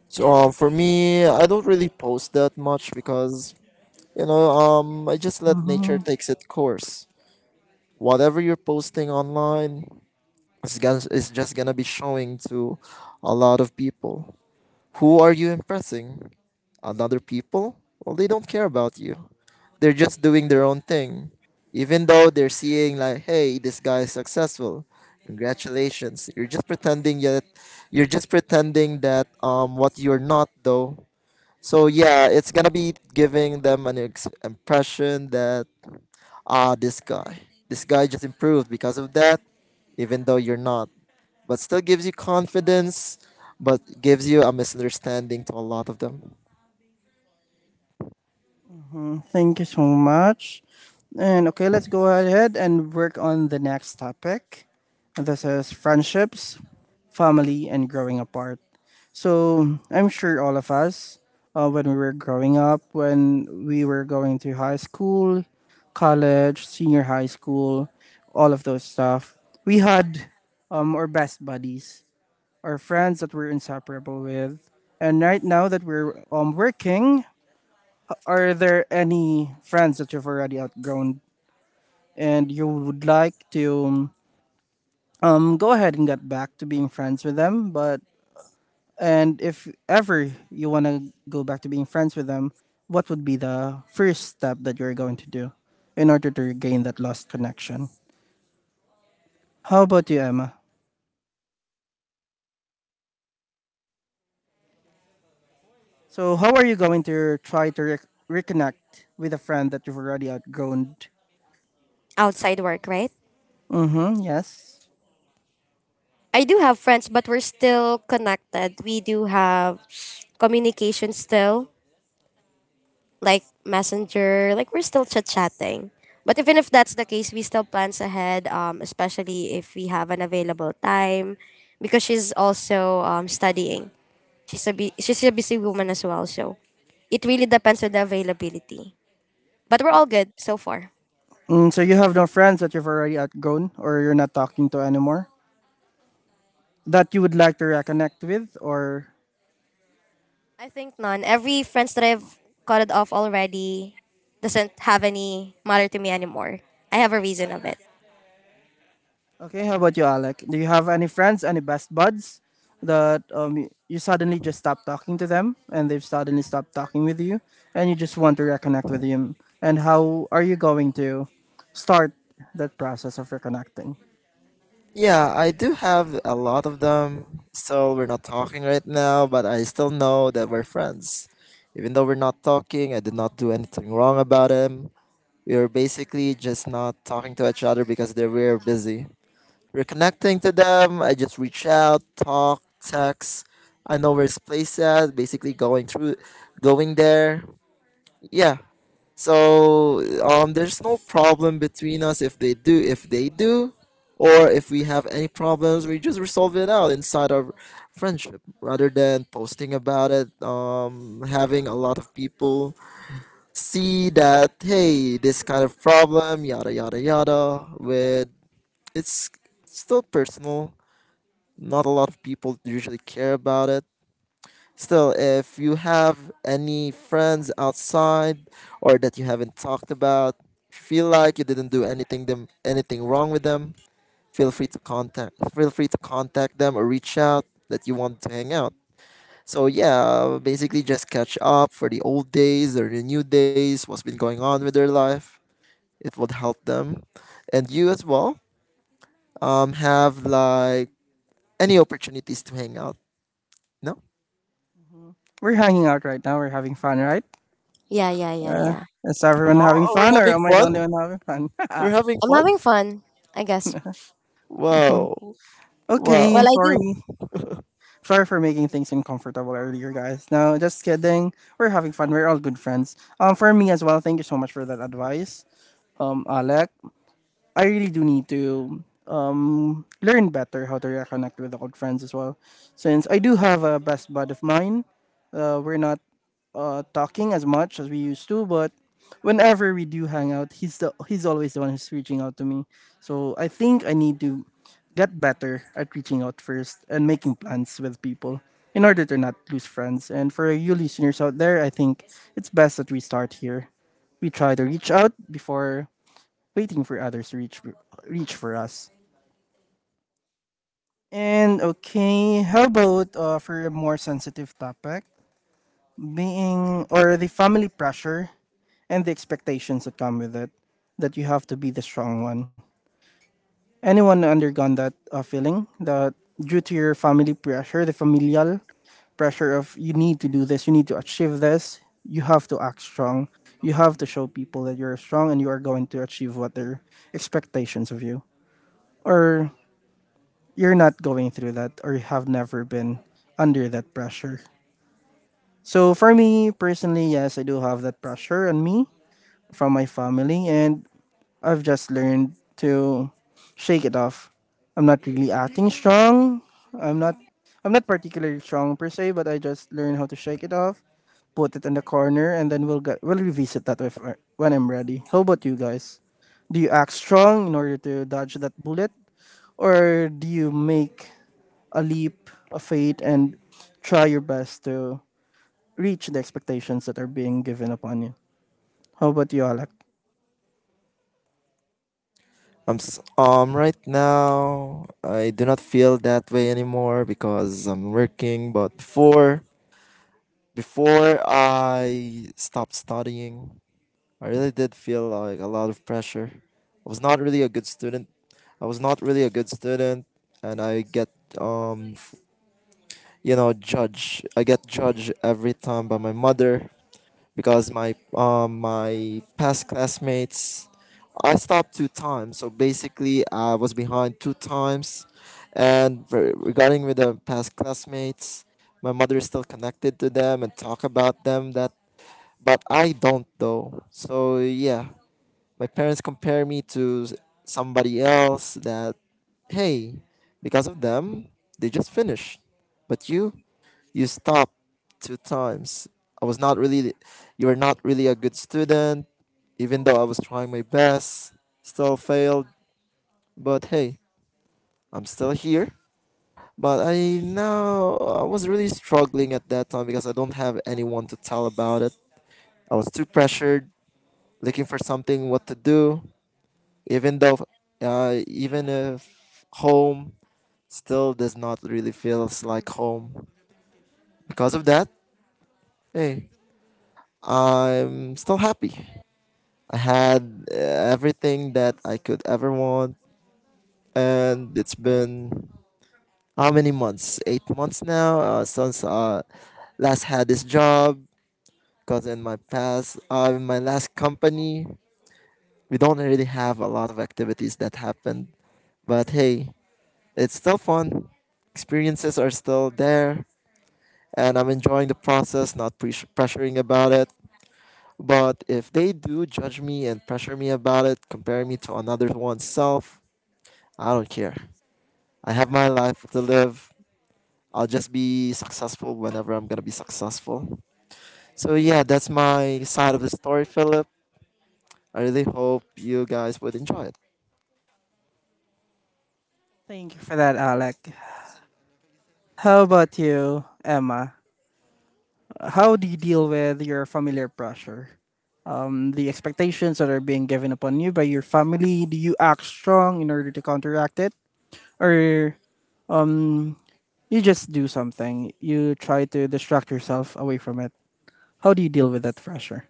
Speaker 2: So um, for me, I don't really post that much because you know um I just let nature takes its course. Whatever you're posting online, It's, gon- it's just gonna be showing to a lot of people. Who are you impressing? Another people? Well, they don't care about you. They're just doing their own thing. Even though they're seeing, like, hey, this guy is successful. Congratulations. You're just pretending that you're just pretending that um what you're not though. So yeah, it's gonna be giving them an ex- impression that, ah, this guy, this guy just improved because of that, even though you're not. But still gives you confidence, but gives you a misunderstanding to a lot of them.
Speaker 1: Mm. Thank you so much. And okay, let's go ahead and work on the next topic. This is friendships, family, and growing apart. So I'm sure all of us, uh, when we were growing up, when we were going to high school, college, senior high school, all of those stuff, we had um, our best buddies, our friends that we're inseparable with. And right now that we're um, working, are there any friends that you've already outgrown and you would like to um, go ahead and get back to being friends with them, but and if ever you want to go back to being friends with them, what would be the first step that you're going to do in order to regain that lost connection? How about you, Emma? So, how are you going to try to rec- reconnect with a friend that you've already outgrown?
Speaker 3: Outside work, right?
Speaker 1: Mm-hmm, yes.
Speaker 3: I do have friends, but we're still connected. We do have communication still, like messenger, like we're still chit chatting. But even if that's the case, we still plans ahead, um, especially if we have an available time, because she's also um, studying. She's a bu- she's a busy woman as well, so it really depends on the availability. But we're all good so far.
Speaker 1: Mm, so, you have no friends that you've already outgrown or you're not talking to anymore that you would like to reconnect with, or
Speaker 3: I think none. Every friends that I've cut it off already doesn't have any matter to me anymore. I have a reason of it.
Speaker 1: okay, how about you, Alec? Do you have any friends, any best buds that um, y- you suddenly just stopped talking to them and they've suddenly stopped talking with you and you just want to reconnect with them? And how are you going to start that process of reconnecting?
Speaker 2: Yeah, I do have a lot of them. So we're not talking right now, but I still know that we're friends. Even though we're not talking, I did not do anything wrong about him. We were basically just not talking to each other because they were busy. Reconnecting to them, I just reach out, talk, text. I know where his place at. Basically, going through, going there. Yeah. So um, there's no problem between us. If they do, if they do, or if we have any problems, we just resolve it out inside our friendship rather than posting about it. Um, having a lot of people see that, hey, this kind of problem, yada yada yada. With It's still personal, not a lot of people usually care about it. Still, if you have any friends outside or that you haven't talked about, if you feel like you didn't do anything them anything wrong with them, feel free to contact feel free to contact them or reach out that you want to hang out. So yeah, basically just catch up for the old days or the new days, what's been going on with their life. It would help them. And you as well. Um have like any opportunities to hang out. No?
Speaker 1: We're hanging out right now, we're having fun, right?
Speaker 3: Yeah, yeah, yeah,
Speaker 1: Uh,
Speaker 3: yeah.
Speaker 1: is
Speaker 2: Huh?
Speaker 1: everyone having
Speaker 2: Oh, we're
Speaker 1: fun or
Speaker 2: having
Speaker 1: am I the only
Speaker 2: fun?
Speaker 1: one having fun?
Speaker 2: We're having
Speaker 3: I'm having
Speaker 2: fun?
Speaker 3: fun, I guess.
Speaker 2: Wow.
Speaker 1: okay, I'm
Speaker 3: Well,
Speaker 2: Wow.
Speaker 3: I do.
Speaker 1: sorry. Sorry for making things uncomfortable earlier, guys. No, just kidding. We're having fun. We're all good friends. Um, for me as well. Thank you so much for that advice. Um, Alec, I really do need to um, learn better how to reconnect with old friends as well. Since I do have a best bud of mine, uh, we're not uh, talking as much as we used to, but whenever we do hang out, he's the he's always the one who's reaching out to me. So I think I need to get better at reaching out first and making plans with people in order to not lose friends. And for you listeners out there, I think it's best that we start here. We try to reach out before waiting for others to reach reach for us. And okay, how about uh, for a more sensitive topic, being or the family pressure and the expectations that come with it, that you have to be the strong one. Anyone undergone that uh, feeling that due to your family pressure, the familial pressure of you need to do this, you need to achieve this, you have to act strong. You have to show people that you're strong and you are going to achieve what their expectations of you. Or you're not going through that or have never been under that pressure. So for me personally, yes, I do have that pressure on me from my family, and I've just learned to shake it off. I'm not really acting strong. I'm not I'm not particularly strong per se, but I just learn how to shake it off, put it in the corner, and then we'll get we'll revisit that if, when I'm ready. How about you guys? Do you act strong in order to dodge that bullet, or do you make a leap of faith and try your best to reach the expectations that are being given upon you? How about you, Alec?
Speaker 2: I'm s- um right now I do not feel that way anymore because I'm working, but before before I stopped studying, I really did feel like a lot of pressure. I was not really a good student. I was not really a good student, and I get um you know judged. I get judged every time by my mother because my um, my past classmates, I stopped two times, so basically I was behind two times. And re- regarding with the past classmates, my mother is still connected to them and talk about them, that, but I don't though. So yeah, my parents compare me to s- somebody else that, hey, because of them, they just finished, but you you stopped two times. I was not really, you were not really a good student, even though I was trying my best. Still failed, but hey, I'm still here. But I now, I was really struggling at that time because I don't have anyone to tell about it. I was too pressured, looking for something what to do, even though, uh, even if home still does not really feels like home. Because of that, hey, I'm still happy. I had uh, everything that I could ever want, and it's been how many months? Eight months now uh, since uh last had this job. Because in my past, uh, in my last company, we don't really have a lot of activities that happened. But hey, it's still fun. Experiences are still there, and I'm enjoying the process, not pres- pressuring about it. But if they do judge me and pressure me about it, compare me to another one's self, I don't care. I have my life to live. I'll just be successful whenever I'm gonna be successful. So yeah, that's my side of the story, Philip. I really hope you guys would enjoy it.
Speaker 1: Thank you for that, Alec. How about you, Emma? How do you deal with your familiar pressure? Um, the expectations that are being given upon you by your family, do you act strong in order to counteract it? Or um, you just do something? You try to distract yourself away from it? How do you deal with that pressure?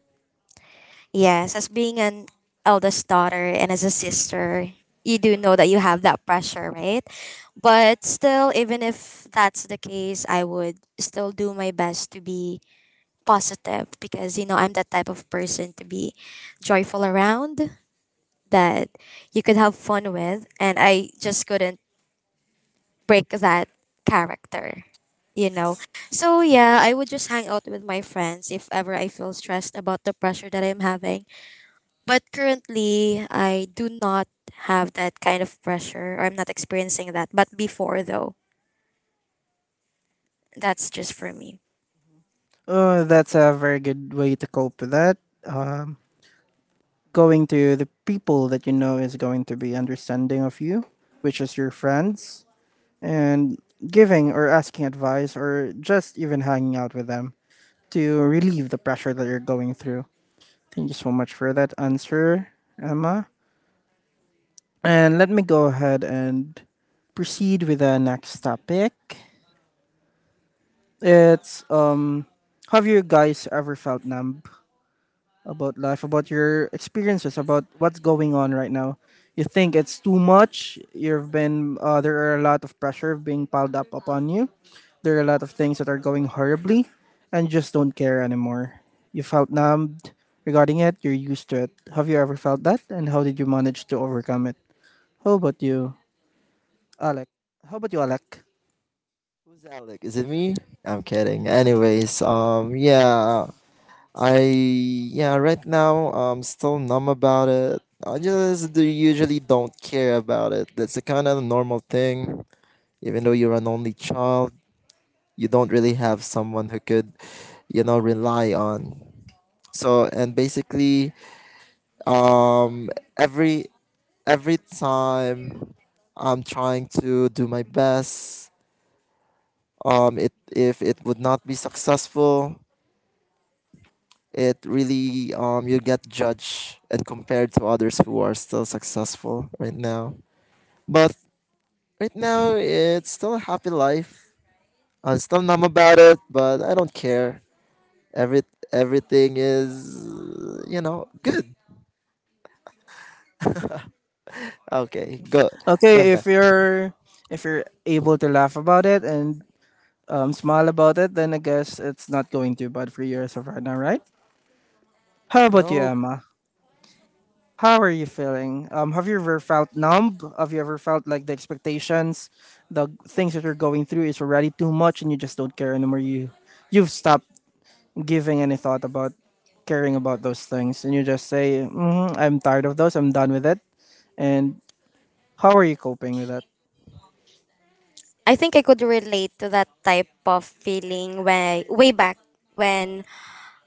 Speaker 3: Yes, as being an eldest daughter and as a sister, you do know that you have that pressure, right? But still, even if that's the case, I would still do my best to be positive because, you know, I'm that type of person to be joyful around, that you could have fun with and I just couldn't break that character, you know. So yeah, I would just hang out with my friends if ever I feel stressed about the pressure that I'm having. But currently, I do not have that kind of pressure or I'm not experiencing that. But before though, that's just for me.
Speaker 1: Oh, that's a very good way to cope with that. Um, going to the people that you know is going to be understanding of you, which is your friends, and giving or asking advice or just even hanging out with them to relieve the pressure that you're going through. Thank you so much for that answer, Emma. And let me go ahead and proceed with the next topic. It's um, have you guys ever felt numb about life, about your experiences, about what's going on right now? You think it's too much. You've been uh, there are a lot of pressure being piled up upon you. There are a lot of things that are going horribly, and you just don't care anymore. You felt numbed regarding it. You're used to it. Have you ever felt that? And how did you manage to overcome it? How about you, Alec? How about you, Alec?
Speaker 2: Who's Alec? Is it me? I'm kidding. Anyways, um, yeah, I yeah, right now I'm still numb about it. I just do- usually don't care about it. That's a kind of normal thing. Even though you're an only child, you don't really have someone who could you know rely on. So, and basically, um every every time I'm trying to do my best, um it if it would not be successful, it really um you get judged and compared to others who are still successful right now. But right now it's still a happy life. I'm still numb about it, but I don't care. every Everything is, you know, good. Okay, go. Go
Speaker 1: Okay,
Speaker 2: back.
Speaker 1: if you're if you're able to laugh about it and um, smile about it, then I guess it's not going too bad for you as of right now, right? How about you,
Speaker 2: Nope.
Speaker 1: Emma? How are you feeling? Um, have you ever felt numb? Have you ever felt like the expectations, the things that you're going through is already too much, and you just don't care anymore? You, you've stopped giving any thought about caring about those things, and you just say, mm, "I'm tired of those. I'm done with it." And how are you coping with that?
Speaker 3: I think I could relate to that type of feeling way way back when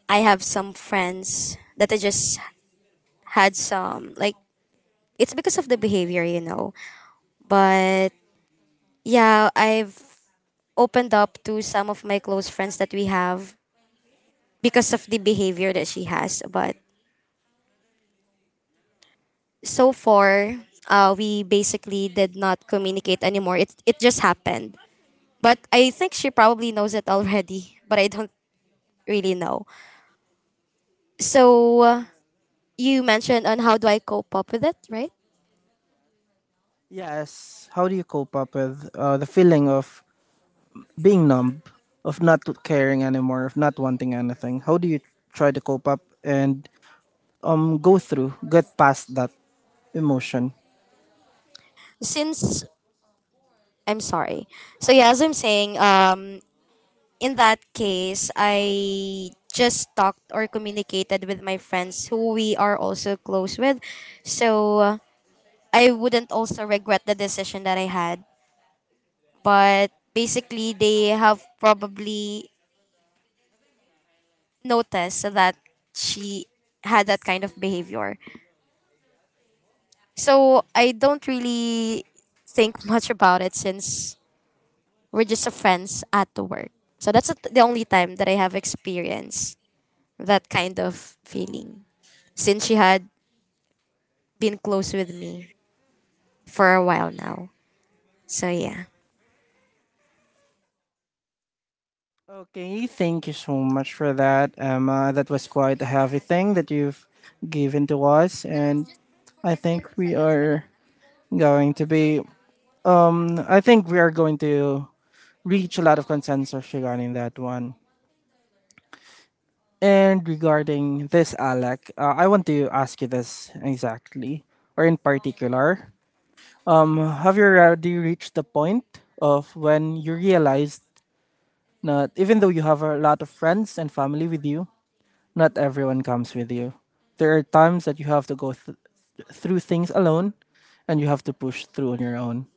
Speaker 3: I have some friends that I just had some like it's because of the behavior, you know. But yeah, I've opened up to some of my close friends that we have because of the behavior that she has. But so far, uh, we basically did not communicate anymore. It it just happened. But I think she probably knows it already. But I don't really know. So uh, you mentioned on how do I cope up with it, right?
Speaker 1: Yes. How do you cope up with uh, the feeling of being numb, of not caring anymore, of not wanting anything? How do you try to cope up and um go through, get past that emotion?
Speaker 3: Since I'm sorry. So yeah, as I'm saying, um, in that case, I just talked or communicated with my friends who we are also close with. So uh, I wouldn't also regret the decision that I had. But basically, they have probably noticed that she had that kind of behavior. So I don't really think much about it since we're just friends at the work. So that's the only time that I have experienced that kind of feeling since she had been close with me for a while now. So yeah.
Speaker 1: Okay, thank you so much for that, Emma. That was quite a heavy thing that you've given to us, and I think we are going to be. Um, I think we are going to reach a lot of consensus regarding that one. And regarding this, Alec, uh, I want to ask you this exactly, or in particular. Um, have you already reached the point of when you realized that even though you have a lot of friends and family with you, not everyone comes with you? There are times that you have to go th- through things alone and you have to push through on your own.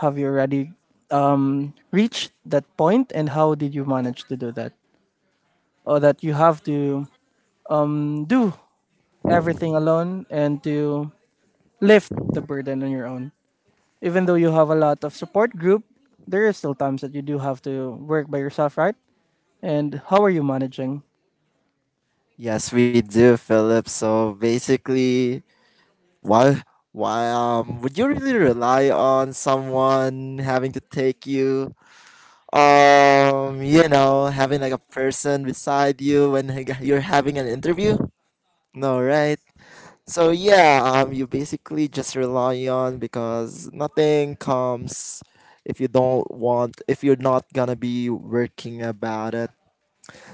Speaker 1: Have you already um, reached that point, and how did you manage to do that? Or that you have to um, do everything alone and to lift the burden on your own? Even though you have a lot of support group, there is still times that you do have to work by yourself, right? And how are you managing?
Speaker 2: Yes, we do, Philip. So basically, why, why, um, would you really rely on someone having to take you, um, you know, having like a person beside you when h- you're having an interview? No, right? So yeah, um, you basically just rely on, because nothing comes if you don't want, if you're not gonna be working about it.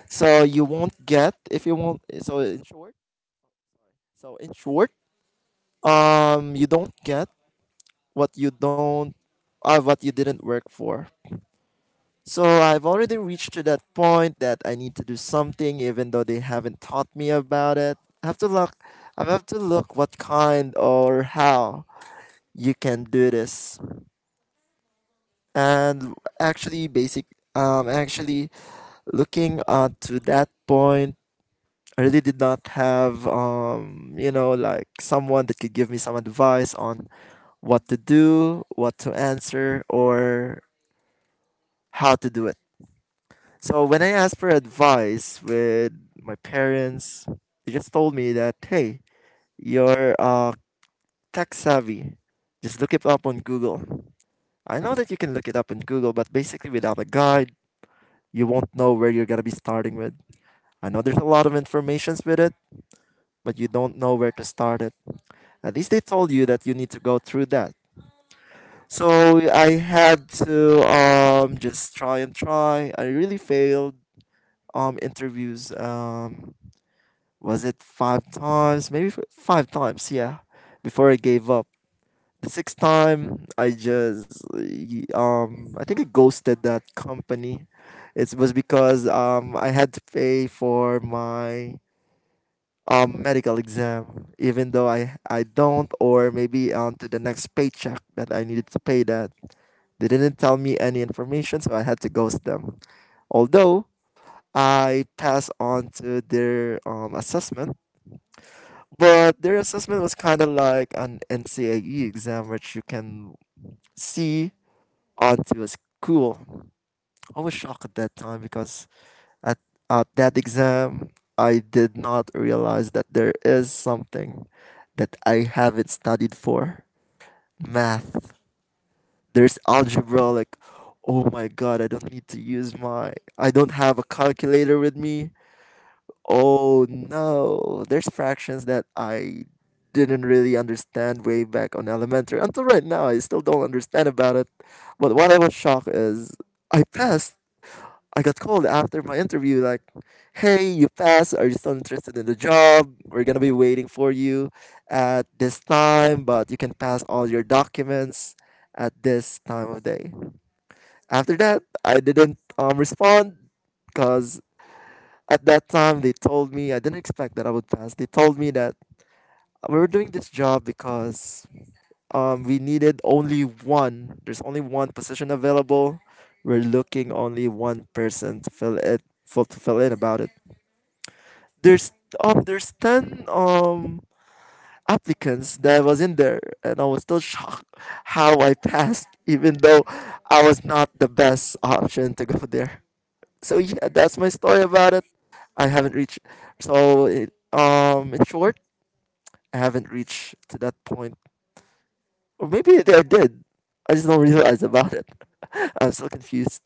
Speaker 2: So you won't get if you won't So in short, so in short um you don't get what you don't, uh, what you didn't work for. So I've already reached to that point that I need to do something even though they haven't taught me about it. i have to look I have to look what kind or how you can do this. And actually basic um actually looking uh, to that point, I really did not have, um, you know, like someone that could give me some advice on what to do, what to answer, or how to do it. So when I asked for advice with my parents, they just told me that, hey, you're uh, tech savvy. Just look it up on Google. I know that you can look it up on Google, but basically without a guide, you won't know where you're going to be starting with. I know there's a lot of informations with it, but you don't know where to start it. At least they told you that you need to go through that. So I had to um, just try and try. I really failed um, interviews. Um, was it five times? Maybe f- five times, yeah, before I gave up. The sixth time, I just, y- um, I think I ghosted that company. It was because um, I had to pay for my um, medical exam, even though I, I don't, or maybe onto the next paycheck that I needed to pay that. They didn't tell me any information, so I had to ghost them. Although I passed on to their um, assessment, but their assessment was kind of like an N C A E exam, which you can see onto a school. I was shocked at that time because At, at that exam, I did not realize that there is something that I haven't studied for math. There's algebra, like, oh my god, I don't need to use my, I don't have a calculator with me. Oh no, there's fractions that I didn't really understand way back on elementary. Until right now, I still don't understand about it. But what I was shocked is I passed. I got called after my interview, like, hey, you passed. Are you still interested in the job? We're going to be waiting for you at this time, but you can pass all your documents at this time of day. After that, I didn't um, respond because at that time they told me, I didn't expect that I would pass. They told me that we were doing this job because um, we needed only one, there's only one position available. We're looking only one person to fill it, for, to fill in about it. there's um there's ten um applicants that was in there and I was still shocked how I passed even though I was not the best option to go there. So yeah, that's my story about it. I haven't reached so it, um in short, I haven't reached to that point. Or maybe I did. I just don't realize about it. I'm so confused.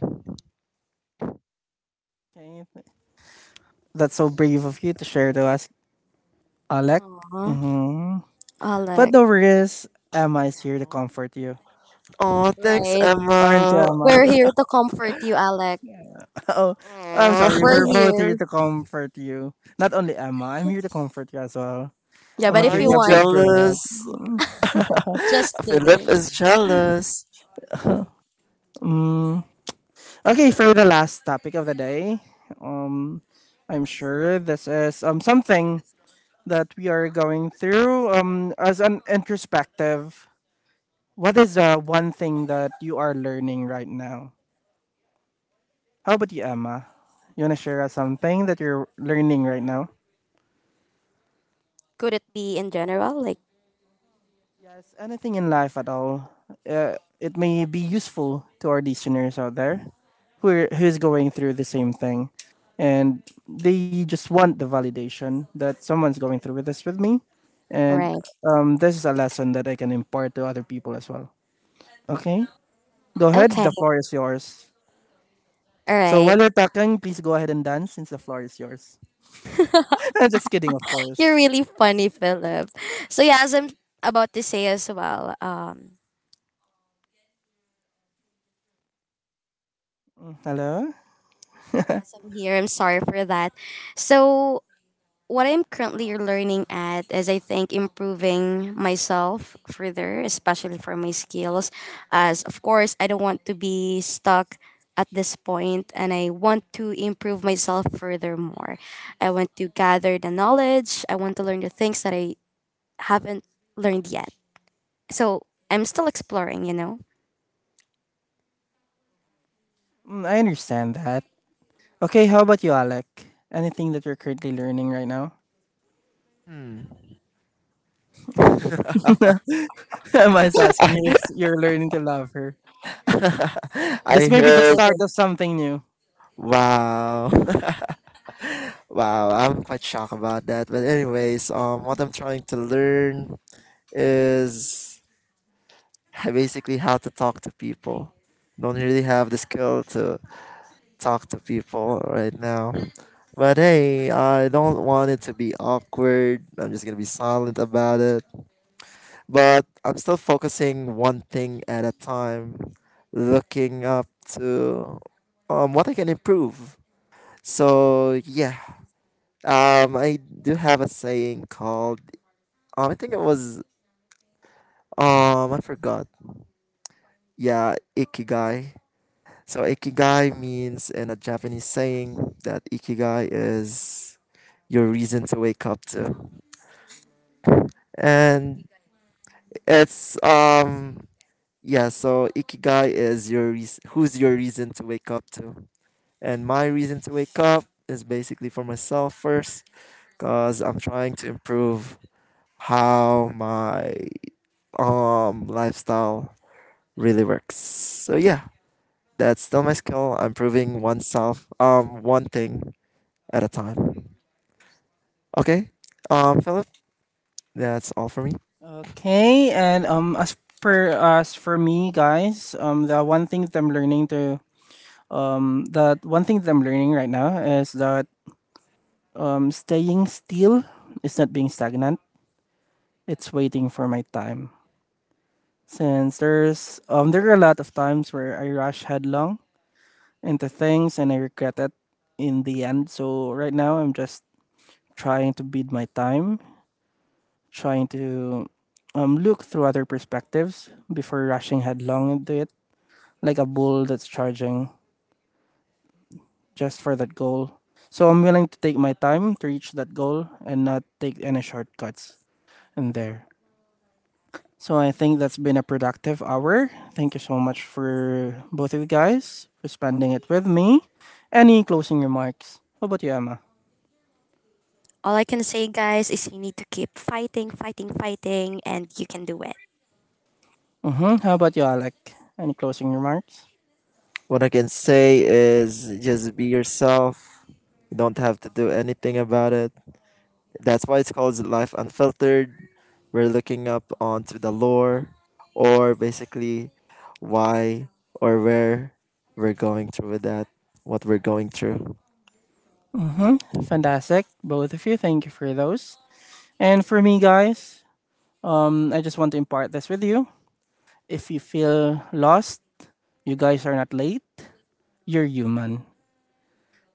Speaker 1: Can you th- That's so brave of you to share to us, Alec.
Speaker 3: Aw,
Speaker 1: hmm But
Speaker 3: Alec.
Speaker 1: no worries, Emma is here to comfort you.
Speaker 2: Oh, thanks
Speaker 3: Right.
Speaker 1: Aren't
Speaker 2: Emma.
Speaker 1: you, Emma?
Speaker 3: We're here to comfort you, Alec.
Speaker 1: Oh, I'm
Speaker 2: Aw.
Speaker 1: sorry.
Speaker 3: We're
Speaker 1: We're both
Speaker 3: here.
Speaker 1: here to comfort you. Not only Emma, I'm here to comfort you as well.
Speaker 3: Yeah,
Speaker 1: I'm
Speaker 3: but
Speaker 1: gonna
Speaker 2: Aw,
Speaker 3: if
Speaker 2: are
Speaker 1: give
Speaker 3: you
Speaker 2: you
Speaker 1: you a
Speaker 3: want,
Speaker 1: big bro hug.
Speaker 2: jealous?
Speaker 3: just
Speaker 2: Philip
Speaker 3: kidding.
Speaker 2: is jealous.
Speaker 1: Okay, for the last topic of the day, um, I'm sure this is um something that we are going through. Um, as an introspective, what is the one thing that you are learning right now? How about you, Emma? You want to share us something that you're learning right now?
Speaker 3: Could it be in general? Like
Speaker 1: Yes, anything in life at all. Uh, it may be useful to our listeners out there who are, who's going through the same thing. And they just want the validation that someone's going through with this with me. And
Speaker 3: Right.
Speaker 1: um, this is a lesson that I can impart to other people as well. Okay? Go ahead,
Speaker 3: Okay,
Speaker 1: the floor is yours.
Speaker 3: all
Speaker 1: So
Speaker 3: right.
Speaker 1: while you're talking, please go ahead and dance since the floor is yours. I'm just kidding, of
Speaker 3: You're
Speaker 1: course.
Speaker 3: really funny, Philip. So yeah, as I'm about to say as well, um,
Speaker 1: Hello?
Speaker 3: yes, I'm here. I'm sorry for that. So what I'm currently learning at is I think improving myself further, especially for my skills. As of course, I don't want to be stuck at this point and I want to improve myself furthermore. I want to gather the knowledge, I want to learn the things that I haven't learned yet. So I'm still exploring, you know?
Speaker 1: Mm, I understand that. Okay, how about you, Alec? Anything that you're currently learning right now?
Speaker 2: Hmm.
Speaker 1: I'm just asking you if you're learning to love her.
Speaker 2: I
Speaker 1: This
Speaker 3: I'm
Speaker 1: may be the
Speaker 3: just
Speaker 2: heard.
Speaker 1: start
Speaker 3: kidding.
Speaker 1: of something new.
Speaker 2: Wow. Wow. I'm quite shocked about that. But anyways, um, what I'm trying to learn is h- basically how to talk to people. Don't really have the skill to talk to people right now. But hey, I don't want it to be awkward. I'm just gonna be silent about it. But I'm still focusing one thing at a time, looking up to um, what I can improve. So yeah, um, I do have a saying called um, I think it was um, I forgot. Yeah, ikigai. So ikigai means in a Japanese saying that ikigai is your reason to wake up to, and it's um Yeah, so ikigai is your reas- who's your reason to wake up to. And my reason to wake up is basically for myself first cuz I'm trying to improve how my um lifestyle really works. So yeah, that's still my skill. I'm improving oneself um one thing at a time. Okay? Um Philip, that's all for me.
Speaker 1: Okay, and um, as per as for me, guys, um, the one thing that I'm learning to um, that one thing that I'm learning right now is that um, staying still is not being stagnant. It's waiting for my time. Since there's um there are a lot of times where I rush headlong into things and I regret it in the end. So right now I'm just trying to bid my time, trying to um look through other perspectives before rushing headlong into it, like a bull that's charging just for that goal. So I'm willing to take my time to reach that goal and not take any shortcuts in there. So I think that's been a productive hour. Thank you so much for both of you guys for spending it with me. Any closing remarks? How about you, Emma?
Speaker 3: All I can say, guys, is you need to keep fighting, fighting, fighting, and you can do it.
Speaker 1: Mm-hmm. How about you, Alec? Any closing remarks?
Speaker 2: What I can say is just be yourself. You don't have to do anything about it. That's why it's called Life Unfiltered. We're looking up onto the lore or basically why or where we're going through with that, what we're going through.
Speaker 1: Mm-hmm. Fantastic. Both of you, thank you for those. And for me, guys, um, I just want to impart this with you. If you feel lost, you guys are not late. You're human.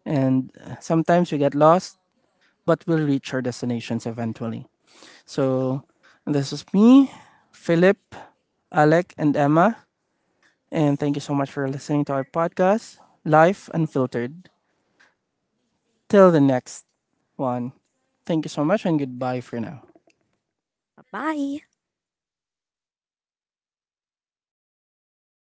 Speaker 1: And uh, sometimes we get lost, but we'll reach our destinations eventually. So this is me, Philip, Alec, and Emma. And thank you so much for listening to our podcast, Life Unfiltered. Till the next one. Thank you so much and goodbye for now.
Speaker 3: Bye.